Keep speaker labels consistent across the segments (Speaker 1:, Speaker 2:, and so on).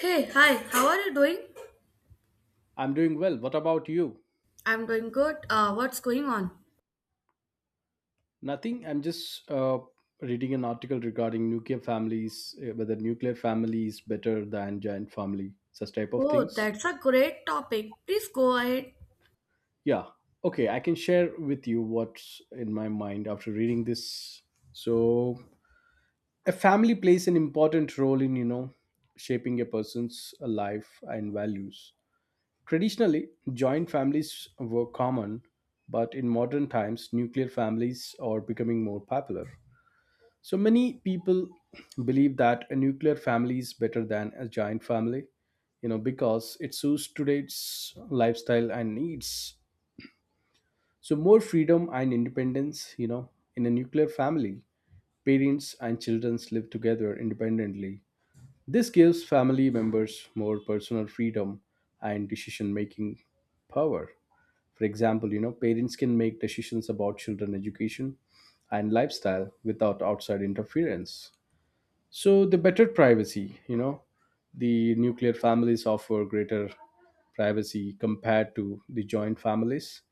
Speaker 1: Hey, hi, how are you doing?
Speaker 2: I'm doing well. What about you?
Speaker 1: I'm doing good. What's going on?
Speaker 2: Nothing. I'm just reading an article regarding nuclear families, whether nuclear family is better than giant family, such type of
Speaker 1: Oh,
Speaker 2: things.
Speaker 1: that's a great topic. Please go ahead.
Speaker 2: Yeah. Okay, I can share with you what's in my mind after reading this. So, a family plays an important role in, you know, shaping a person's life and values. Traditionally, joint families were common, but in modern times, nuclear families are becoming more popular. So many people believe that a nuclear family is better than a giant family, you know, because it suits today's lifestyle and needs. So, more freedom and independence, you know. In a nuclear family, parents and children live together independently. This gives family members more personal freedom and decision-making power. For example, you know, parents can make decisions about children education and lifestyle without outside interference. So the better privacy, you know, the nuclear families offer greater privacy compared to the joint families.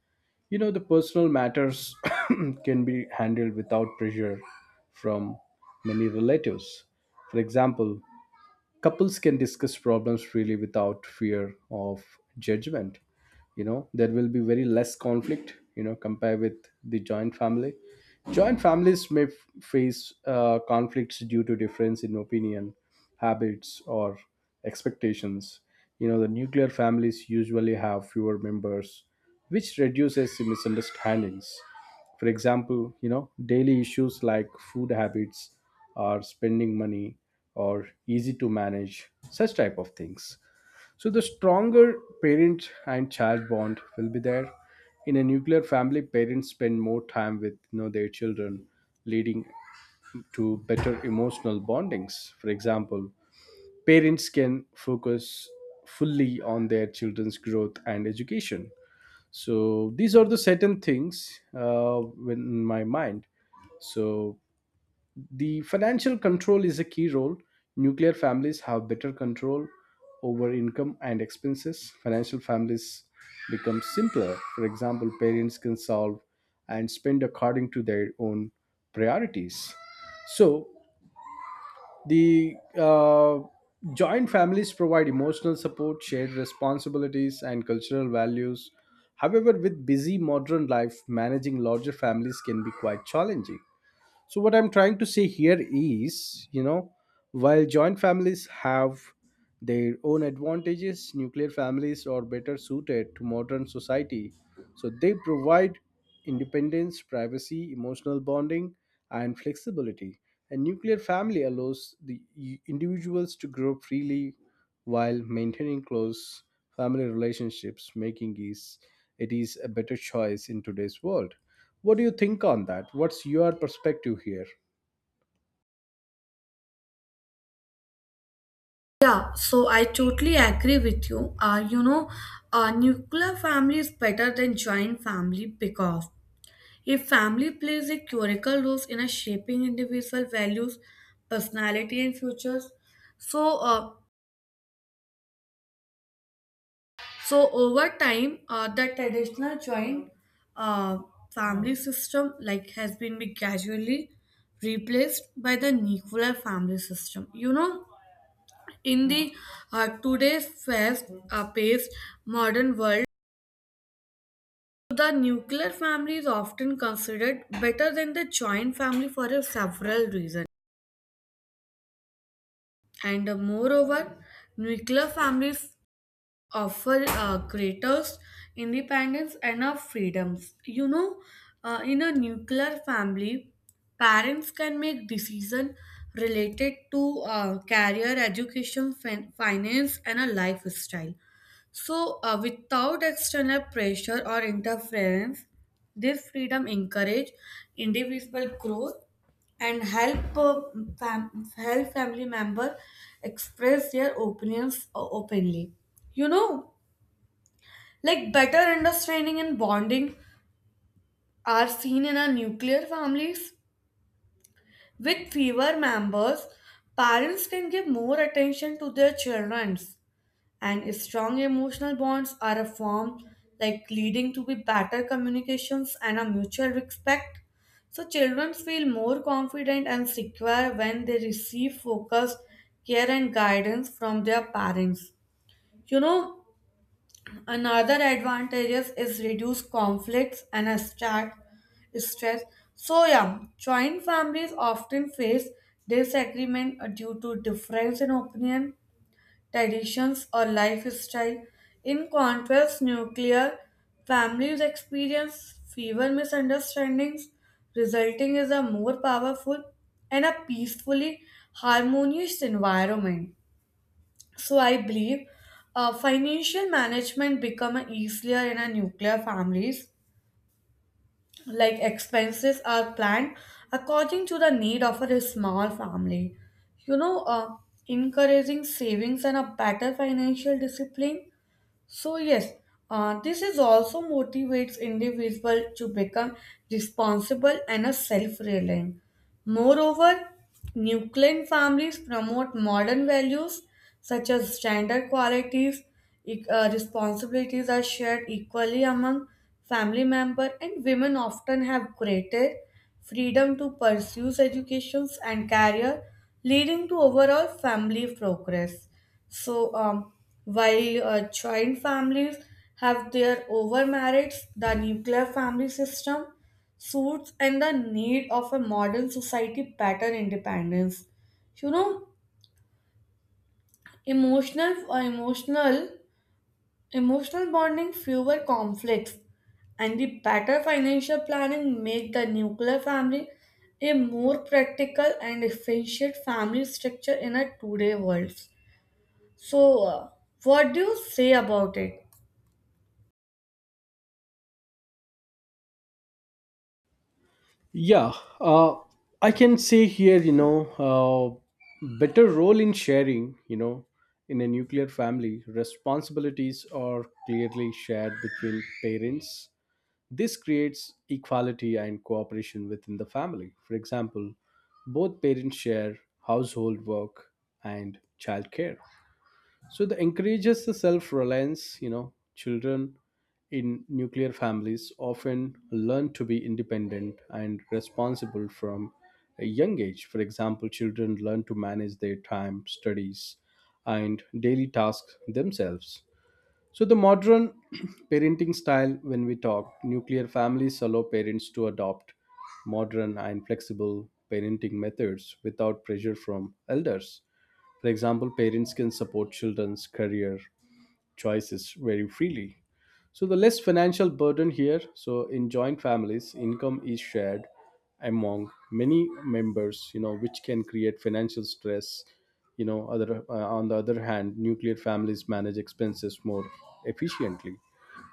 Speaker 2: You know, the personal matters can be handled without pressure from many relatives. For example, couples can discuss problems freely without fear of judgment. You know, there will be very less conflict, you know, compared with the joint family. Joint families may face conflicts due to difference in opinion, habits, or expectations. You know, the nuclear families usually have fewer members, which reduces the misunderstandings. For example, you know, daily issues like food habits or spending money or easy to manage such type of things. So the stronger parent and child bond will be there. In a nuclear family, parents spend more time with, you know, their children, leading to better emotional bondings. For example, parents can focus fully on their children's growth and education. So these are the certain things in my mind. So the financial control is a key role. Nuclear families have better control over income and expenses. Financial families become simpler. For example, parents can solve and spend according to their own priorities. So the joint families provide emotional support, shared responsibilities, and cultural values. However, with busy modern life, managing larger families can be quite challenging. So what I'm trying to say here is, you know, while joint families have their own advantages, nuclear families are better suited to modern society. So they provide independence, privacy, emotional bonding, and flexibility. A nuclear family allows the individuals to grow freely while maintaining close family relationships, making is it is a better choice in today's world. What do you think on that? What's your perspective here?
Speaker 1: Yeah, so I totally agree with you. A nuclear family is better than joint family because if family plays a critical role in a shaping individual values, personality, and futures, so uh, So over time, the traditional joint uh, family system like has been be gradually replaced by the nuclear family system. In the today's fast paced modern world, the nuclear family is often considered better than the joint family for a several reasons. And moreover, nuclear families offer creators independence and freedoms. In a nuclear family, parents can make decision related to career, education, finance, and a lifestyle. So, without external pressure or interference, this freedom encourage individual growth and help help family member express their opinions openly. You know like better understanding and bonding are seen in our nuclear families with fewer members. Parents can give more attention to their children, and if strong emotional bonds are a form, like leading to be better communications and a mutual respect, so children feel more confident and secure when they receive focus care and guidance from their parents you know Another advantages is reduce conflicts and a start stress. So yeah, joint families often face disagreement due to difference in opinion, traditions, or lifestyle. In contrast, nuclear families experience fewer misunderstandings, resulting in a more powerful and a peacefully harmonious environment. So I believe financial management become easier in a nuclear families. Like expenses are planned according to the need of a small family. You know, uh, encouraging savings and a better financial discipline. So yes, this is also motivates individual to become responsible and a self-reliant. Moreover, nuclear families promote modern values such as gender qualities. Responsibilities are shared equally among family members, and women often have greater freedom to pursue educations and career, leading to overall family progress. So, while joint families have their overmerits, the nuclear family system suits and the need of a modern society better independence. You know, emotional, uh, emotional, emotional bonding, fewer conflicts, and the better financial planning make the nuclear family a more practical and efficient family structure in a today world. So, what do you say about it?
Speaker 2: Yeah, uh, I can say here, you know, better role in sharing, you know. In a nuclear family, responsibilities are clearly shared between parents. This creates equality and cooperation within the family. For example, both parents share household work and childcare. So that encourages the self-reliance. You know, children in nuclear families often learn to be independent and responsible from a young age. For example, children learn to manage their time, studies, and daily tasks themselves. So, the modern parenting style, when we talk, nuclear families allow parents to adopt modern and flexible parenting methods without pressure from elders. For example, parents can support children's career choices very freely. So the less financial burden here. So in joint families, income is shared among many members, you know, which can create financial stress. You know, other on the other hand, nuclear families manage expenses more efficiently.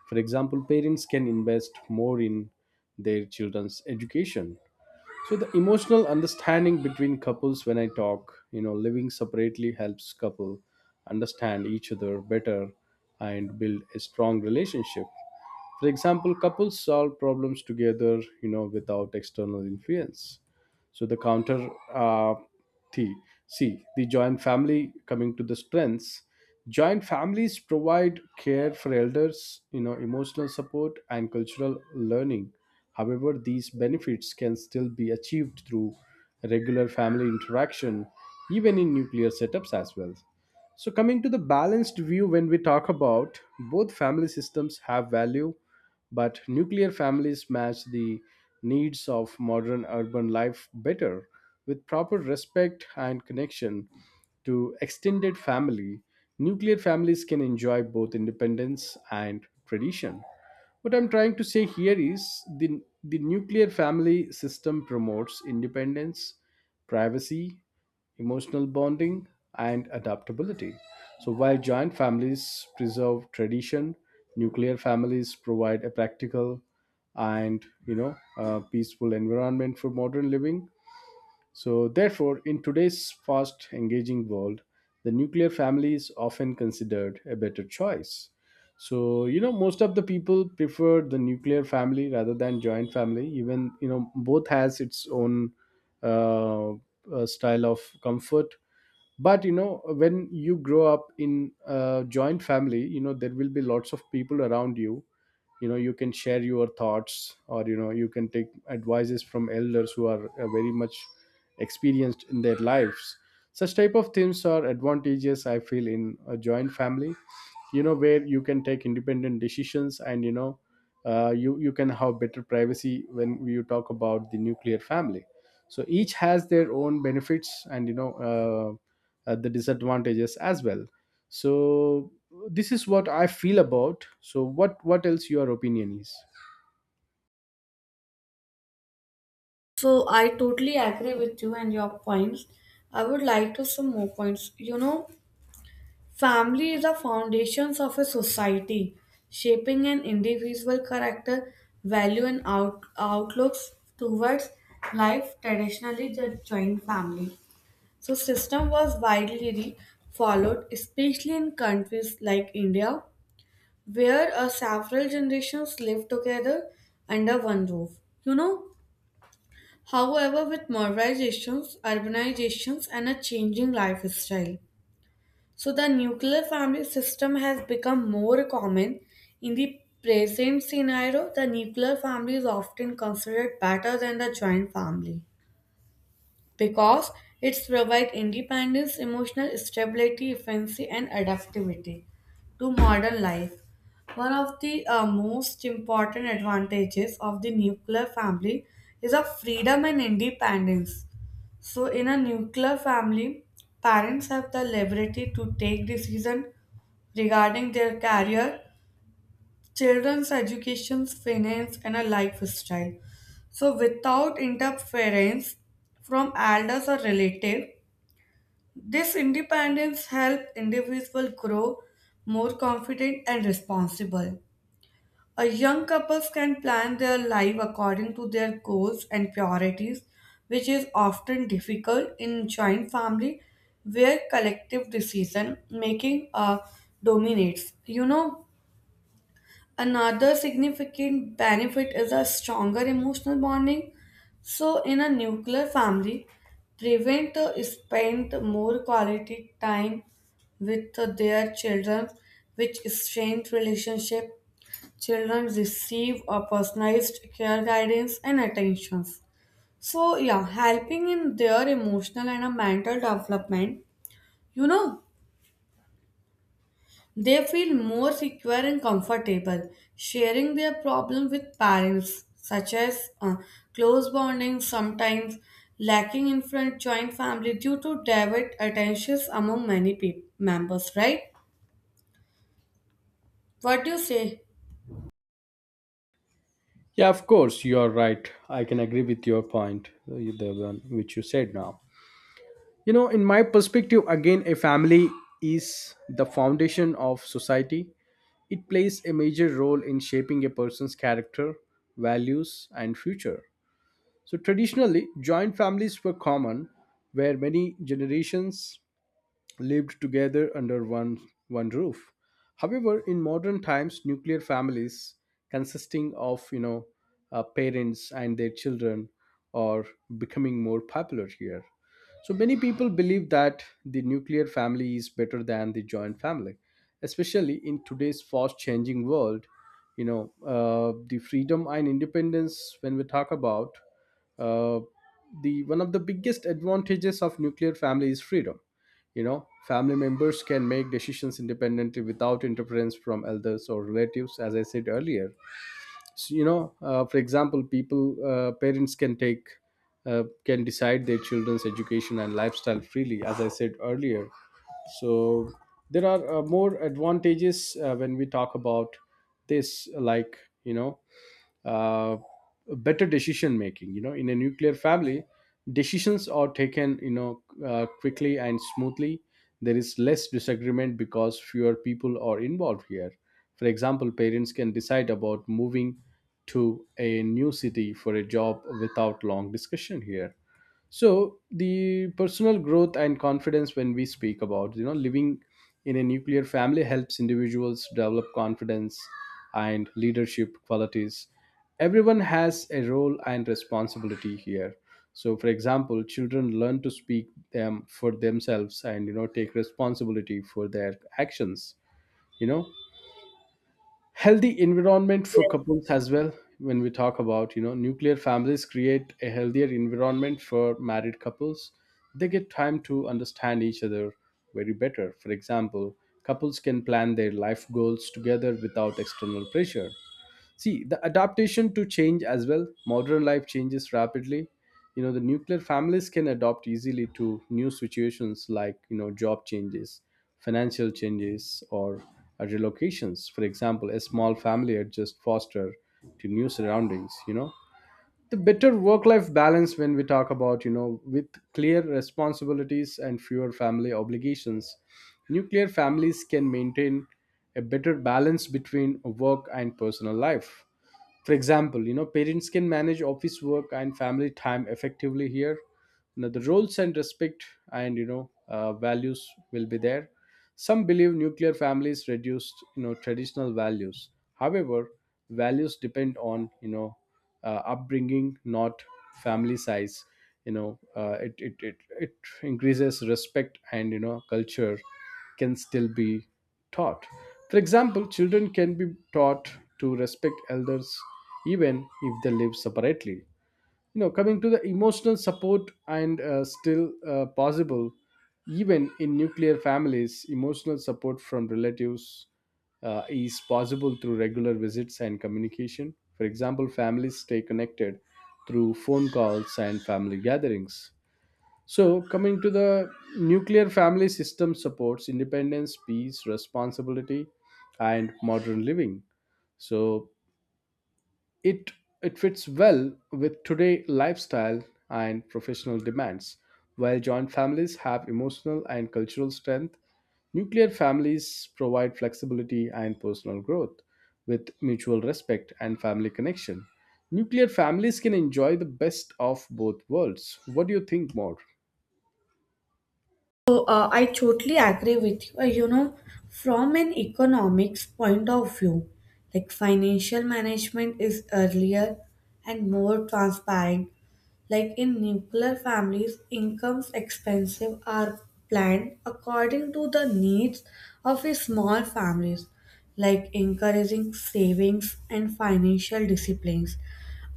Speaker 2: For example, parents can invest more in their children's education. So the emotional understanding between couples when I talk, you know, living separately helps couple understand each other better and build a strong relationship. For example, couples solve problems together, you know, without external influence. So the counter uh, T C the joint family, coming to the strengths. Joint families provide care for elders, you know, emotional support and cultural learning. However, these benefits can still be achieved through regular family interaction, even in nuclear setups as well. So, coming to the balanced view, when we talk about, both family systems have value, but nuclear families match the needs of modern urban life better. With proper respect and connection to extended family, nuclear families can enjoy both independence and tradition. What I'm trying to say here is the nuclear family system promotes independence, privacy, emotional bonding, and adaptability. So, while joint families preserve tradition, nuclear families provide a practical and, you know, peaceful environment for modern living. So, therefore, in today's fast engaging world, the nuclear family is often considered a better choice. So, you know, most of the people prefer the nuclear family rather than joint family. Even, you know, both has its own uh, style of comfort. But you know, when you grow up in a joint family, you know, there will be lots of people around you. You know, you can share your thoughts, or you know, you can take advices from elders who are, very much experienced in their lives. Such type of things are advantageous, I feel, in a joint family. You know, where you can take independent decisions, and you know, you can have better privacy when you talk about the nuclear family. So each has their own benefits, and you know, the disadvantages as well. So this is what I feel about. So what else your opinion is?
Speaker 1: So, I totally agree with you and your points. I would like to some more points. Family is the foundations of a society, shaping an individual character, value, and outlooks towards life. Traditionally, the joint family. So, system was widely followed, especially in countries like India where several generations live together under one roof. You know, however, with modernizations, urbanizations, and a changing lifestyle, so the nuclear family system has become more common. In the present scenario, the nuclear family is often considered better than the joint family because it's provide independence, emotional stability, efficiency, and adaptability to modern life. One of the most important advantages of the nuclear family is of freedom and independence. So, in a nuclear family, parents have the liberty to take decision regarding their career, children's education, finance, and a lifestyle. So, without interference from elders or relative, this independence helps individual grow more confident and responsible. A young couples can plan their life according to their goals and priorities, which is often difficult in joint family where collective decision making dominates. Another significant benefit is a stronger emotional bonding. So, in a nuclear family, parents spend more quality time with their children, which strengthens relationship. Children receive a personalized care, guidance, and attentions. So, yeah, helping in their emotional and a mental development. You know, they feel more secure and comfortable sharing their problem with parents, such as close bonding, sometimes lacking in front joint family due to divert attentions among many peop members, right? What do you say?
Speaker 2: Yeah, of course you are right. I can agree with your point, the one which you said now. You know, in my perspective again, a family is the foundation of society. It plays a major role in shaping a person's character, values and future. So traditionally joint families were common, where many generations lived together under one roof. However, in modern times, nuclear families consisting of, you know, parents and their children, are becoming more popular here. So many people believe that the nuclear family is better than the joint family, especially in today's fast-changing world. You know, the freedom and independence. When we talk about, uh, the one of the biggest advantages of nuclear family is freedom. You know, family members can make decisions independently without interference from elders or relatives, as I said earlier. So, you know, for example, parents can can decide their children's education and lifestyle freely, as I said earlier. So there are more advantages when we talk about this, like, you know, uh, better decision making. You know, in a nuclear family, decisions are taken, you know, quickly and smoothly. There is less disagreement because fewer people are involved here. For example, parents can decide about moving to a new city for a job without long discussion here. So the personal growth and confidence when we speak about, you know, living in a nuclear family helps individuals develop confidence and leadership qualities. Everyone has a role and responsibility here. So for example, children learn to speak for themselves, and you know, take responsibility for their actions. You know, healthy environment for couples as well. When we talk about, you know, nuclear families create a healthier environment for married couples. They get time to understand each other very better. For example, couples can plan their life goals together without external pressure. See, the adaptation to change as well. Modern life changes rapidly. You know, the nuclear families can adapt easily to new situations like, you know, job changes, financial changes, or relocations. For example, a small family adjusts faster to new surroundings, you know. The better work life balance when we talk about, you know, with clear responsibilities and fewer family obligations, nuclear families can maintain a better balance between work and personal life. For example, you know, parents can manage office work and family time effectively here. You know, the roles and respect and, you know, values will be there. Some believe nuclear families reduced, you know, traditional values. However, values depend on, you know, upbringing, not family size. You know, it increases respect, and you know, culture can still be taught. For example, children can be taught to respect elders even if they live separately. You know, coming to the emotional support and still possible, even in nuclear families, emotional support from relatives is possible through regular visits and communication. For example, families stay connected through phone calls and family gatherings. So, coming to the nuclear family system supports independence, peace, responsibility, and modern living. So, it it fits well with today lifestyle and professional demands. While joint families have emotional and cultural strength, nuclear families provide flexibility and personal growth. With mutual respect and family connection, nuclear families can enjoy the best of both worlds. What do you think more?
Speaker 1: So, I totally agree with you. From an economics point of view, like financial management is earlier and more transparent. Like in nuclear families, incomes expenses are planned according to the needs of a small families, like encouraging savings and financial disciplines.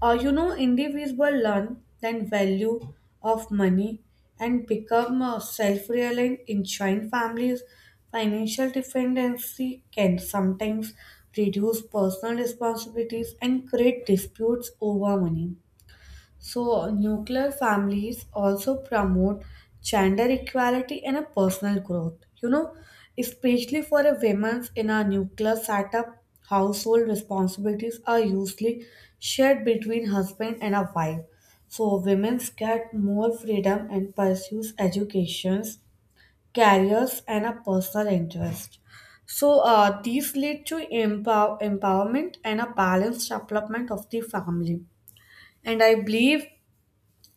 Speaker 1: Individuals learn the value of money and become self-reliant in joint families. Financial dependency can sometimes reduce personal responsibilities and create disputes over money. So, nuclear families also promote gender equality and a personal growth. You know, especially for a women's in a nuclear setup, household responsibilities are usually shared between husband and a wife. So, women get more freedom and pursues educations, careers, and a personal interest. So, these lead to empowerment and a balanced development of the family. And I believe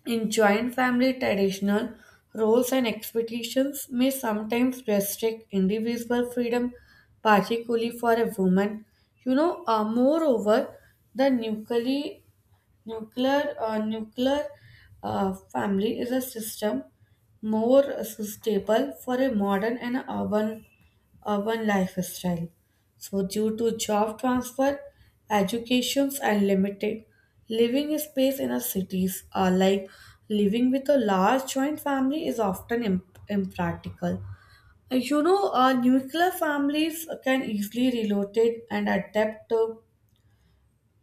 Speaker 1: in joint family traditional roles and expectations may sometimes restrict individual freedom, particularly for a woman. Moreover, the nuclear Nuclear nuclear family is a system more suitable for a modern and urban lifestyle. So, due to job transfer, educations, and limited living space in a cities, like living with a large joint family is often impractical. Nuclear families can easily relocate and adapt to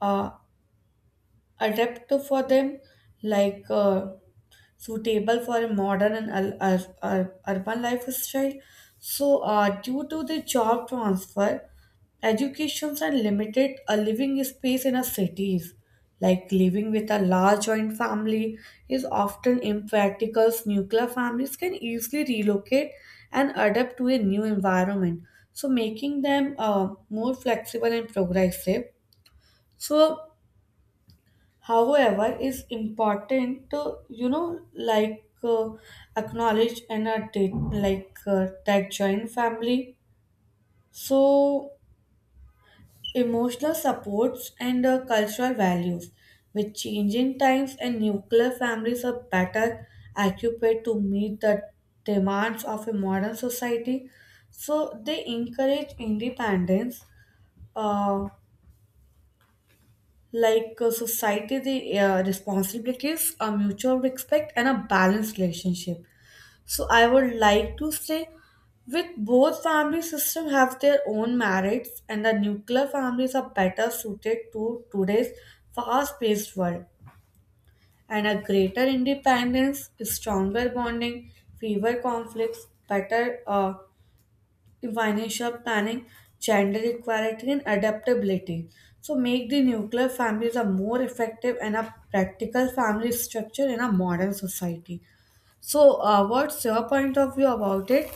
Speaker 1: uh, adapt for them like suitable for a modern and urban lifestyle. So due to the job transfer, educations are limited a living space in a cities, like living with a large joint family is often impractical. Nuclear families can easily relocate and adapt to a new environment, so making them more flexible and progressive. So however it's important to like acknowledge and take, like that joint family, so emotional supports and cultural values. With changing times and nuclear families are better equipped to meet the demands of a modern society, so they encourage independence, uh, like society the responsibilities a mutual respect and a balanced relationship. So I would like to say with both family system have their own merits and the nuclear families are better suited to today's fast-paced world and a greater independence, stronger bonding, fewer conflicts, better financial planning, gender equality, and adaptability. So, make the nuclear families a more effective and a practical family structure in a modern society. So, what's your point of view about it?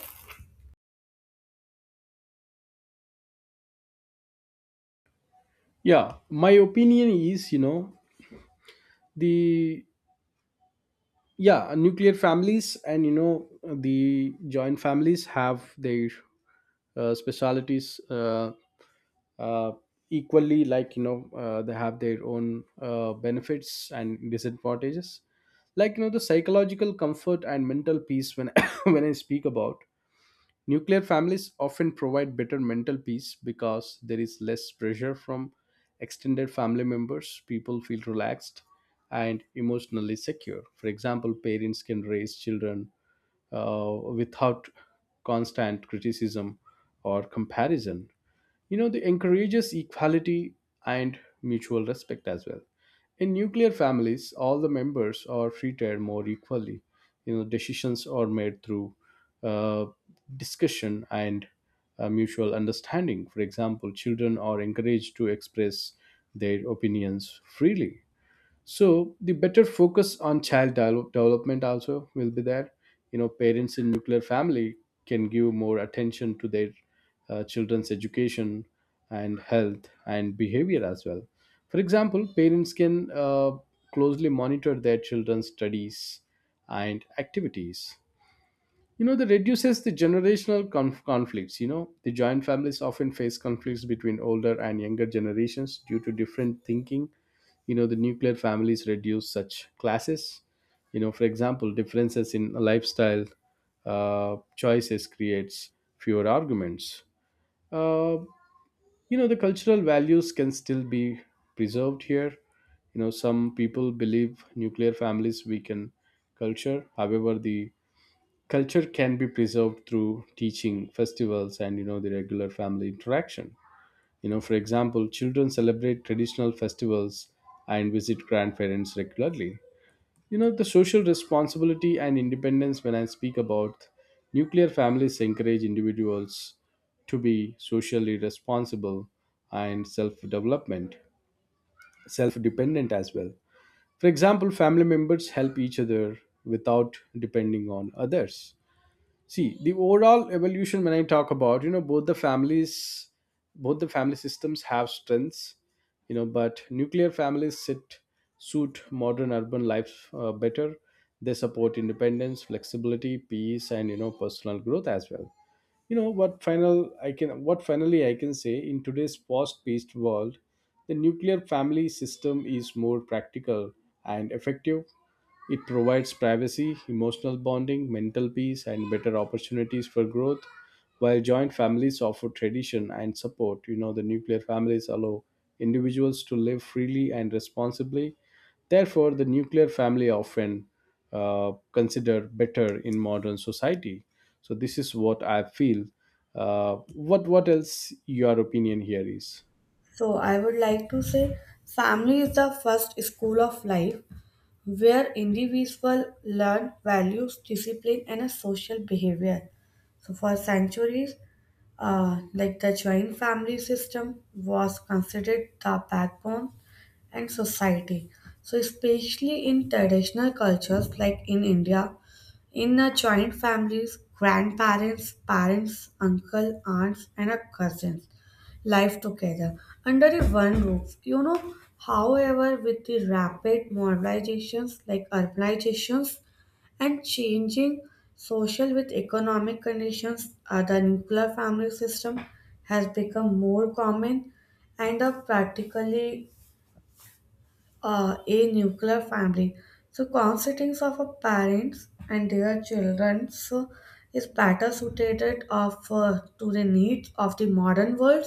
Speaker 2: Yeah, my opinion is the yeah nuclear families and the joint families have their specialities uh, equally, like they have their own benefits and disadvantages, like the psychological comfort and mental peace. When when I speak about nuclear families, often provide better mental peace because there is less pressure from extended family members. People feel relaxed and emotionally secure. For example, parents can raise children without constant criticism or comparison. You know, they encourages equality and mutual respect as well. In nuclear families, all the members are treated more equally. You know, decisions are made through uh, discussion and mutual understanding. For example, children are encouraged to express their opinions freely, so the better focus on development also will be there. You know, parents in nuclear family can give more attention to their children's education and health and behavior as well. For example, parents can closely monitor their children's studies and activities. You know, that reduces the conflicts. You know, the joint families often face conflicts between older and younger generations due to different thinking. You know, the nuclear families reduce such classes. You know, for example, differences in lifestyle choices creates fewer arguments. uh, you know, the cultural values can still be preserved here. You know, some people believe nuclear families weaken culture. However, the culture can be preserved through teaching festivals and, you know, the regular family interaction. You know, for example, children celebrate traditional festivals and visit grandparents regularly. You know, the social responsibility and independence, when I speak about, nuclear families encourage individuals to be socially responsible and self dependent as well. For example, family members help each other without depending on others. See, the overall evolution, when I talk about, you know, both the families, both the family systems have strengths. You know, but nuclear families sit suit modern urban life better. They support independence, flexibility, peace, and, you know, personal growth as well. you know what final what finally I can say, in today's fast-paced world, the nuclear family system is more practical and effective. It provides privacy, emotional bonding, mental peace, and better opportunities for growth. While joint families offer tradition and support, you know, the nuclear families allow individuals to live freely and responsibly. Therefore, the nuclear family often considered better in modern society. So this is what I feel. What else your opinion here is?
Speaker 1: So, I would like to say family is the first school of life where individuals learn values, discipline, and a social behavior. So, for centuries, like the joint family system was considered the backbone and society. So, especially in traditional cultures like in India, in a joint families, grandparents, parents, uncle, aunts, and a cousins life together under a one roof. However, with the rapid modernizations like urbanizations and changing social with economic conditions, the nuclear family system has become more common and practically a nuclear family. So, constituents of a parents and their children so is better suited of to the needs of the modern world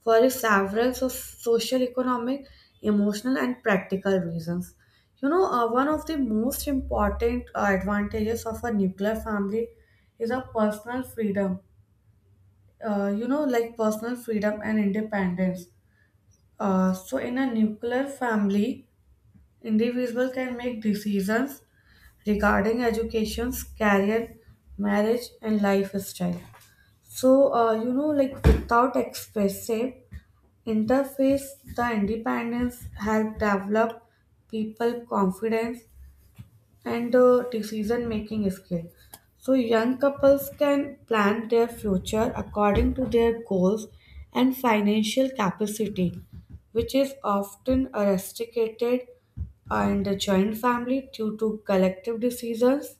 Speaker 1: for the several so social, economic, emotional, and practical reasons. One of the most important advantages of a nuclear family is a personal freedom. Like personal freedom and independence. So, in a nuclear family, individuals can make decisions regarding education, career, marriage, and lifestyle. So, like without expressive interface, the independence help develop people confidence and the decision making skill. So, young couples can plan their future according to their goals and financial capacity, which is often restricted in the joint family due to collective decisions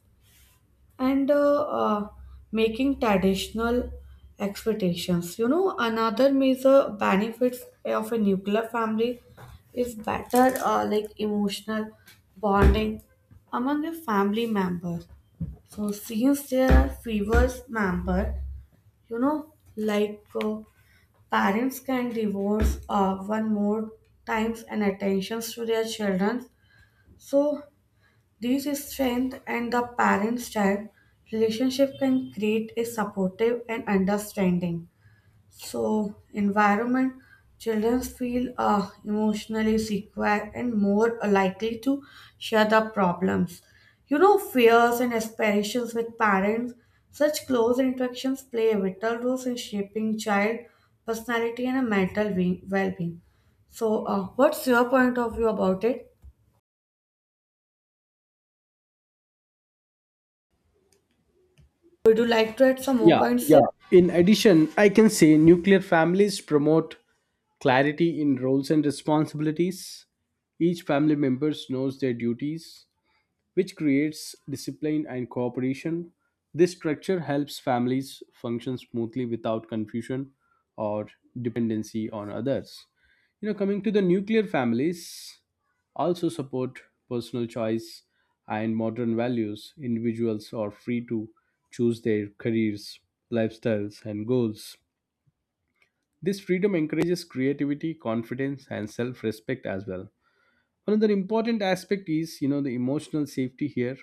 Speaker 1: and making traditional expectations. Another major benefits of a nuclear family is better like emotional bonding among the family members. So since there are fewer members, you know, like uh, parents can divorce one more times and attentions to their children. So this strength and the parent-child relationship can create a supportive and understanding. So, environment children feel emotionally secure and more likely to share the problems. Fears and aspirations with parents. Such close interactions play a vital role in shaping child personality and a mental well-being. So, what's your point of view about it? Would you like to add some more
Speaker 2: Yeah,
Speaker 1: points
Speaker 2: yeah.
Speaker 1: here?
Speaker 2: In addition, I can say nuclear families promote clarity in roles and responsibilities. Each family members knows their duties, which creates discipline and cooperation. This structure helps families function smoothly without confusion or dependency on others. You know, coming to the nuclear families, also support personal choice and modern values. Individuals are free to choose their careers, lifestyles, and goals. This freedom encourages creativity, confidence, and self respect as well. Another important aspect is, you know, the emotional safety here.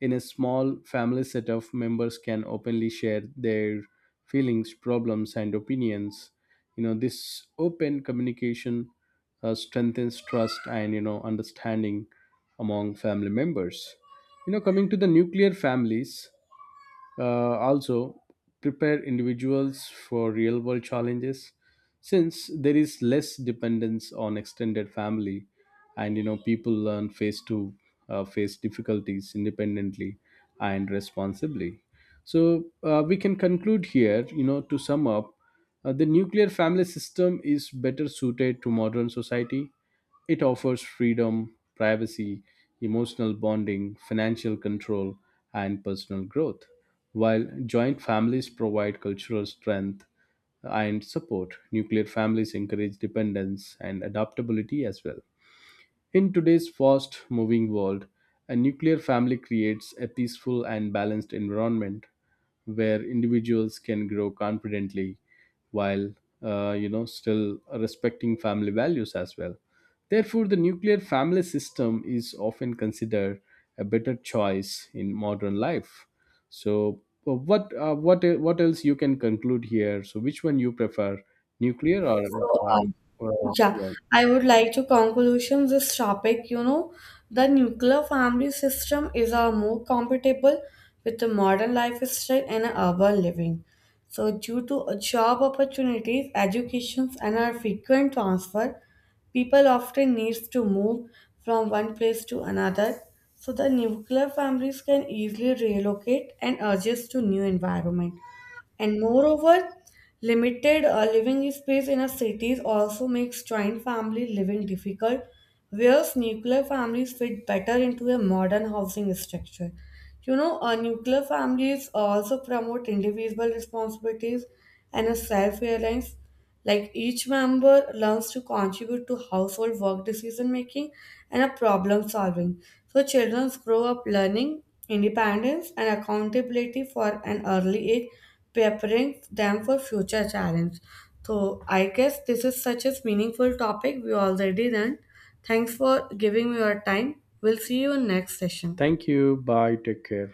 Speaker 2: In a small family setup, members can openly share their feelings, problems, and opinions. You know, this open communication strengthens trust and, you know, understanding among family members. You know, coming to the nuclear families, also prepare individuals for real world challenges, since there is less dependence on extended family, and, you know, people learn face difficulties independently and responsibly. So we can conclude here, you know, to sum up, the nuclear family system is better suited to modern society. It offers freedom, privacy, emotional bonding, financial control, and personal growth. While joint families provide cultural strength and support, nuclear families encourage dependence and adaptability as well. In today's fast moving world, a nuclear family creates a peaceful and balanced environment where individuals can grow confidently while you know, still respecting family values as well. Therefore, the nuclear family system is often considered a better choice in modern life. So, what else you can conclude here? So, which one you prefer, nuclear or?
Speaker 1: So,
Speaker 2: Uh,
Speaker 1: yeah,
Speaker 2: yeah.
Speaker 1: I would like to conclusion this topic. The nuclear family system is a more compatible with the modern lifestyle and urban living. So, due to a job opportunities, educations, and our frequent transfer, people often needs to move from one place to another. So, the nuclear families can easily relocate and adjust to new environment. And moreover, limited living space in a cities also makes joint family living difficult, whereas nuclear families fit better into a modern housing structure. Nuclear families also promote individual responsibilities and a self-reliance, like each member learns to contribute to household work decision making and a problem solving. So children grow up learning independence and accountability for an early age, preparing them for future challenge. So I guess this is such a meaningful topic we already done. Thanks for giving me your time. We'll see you in next session.
Speaker 2: Thank you. Bye. Take care.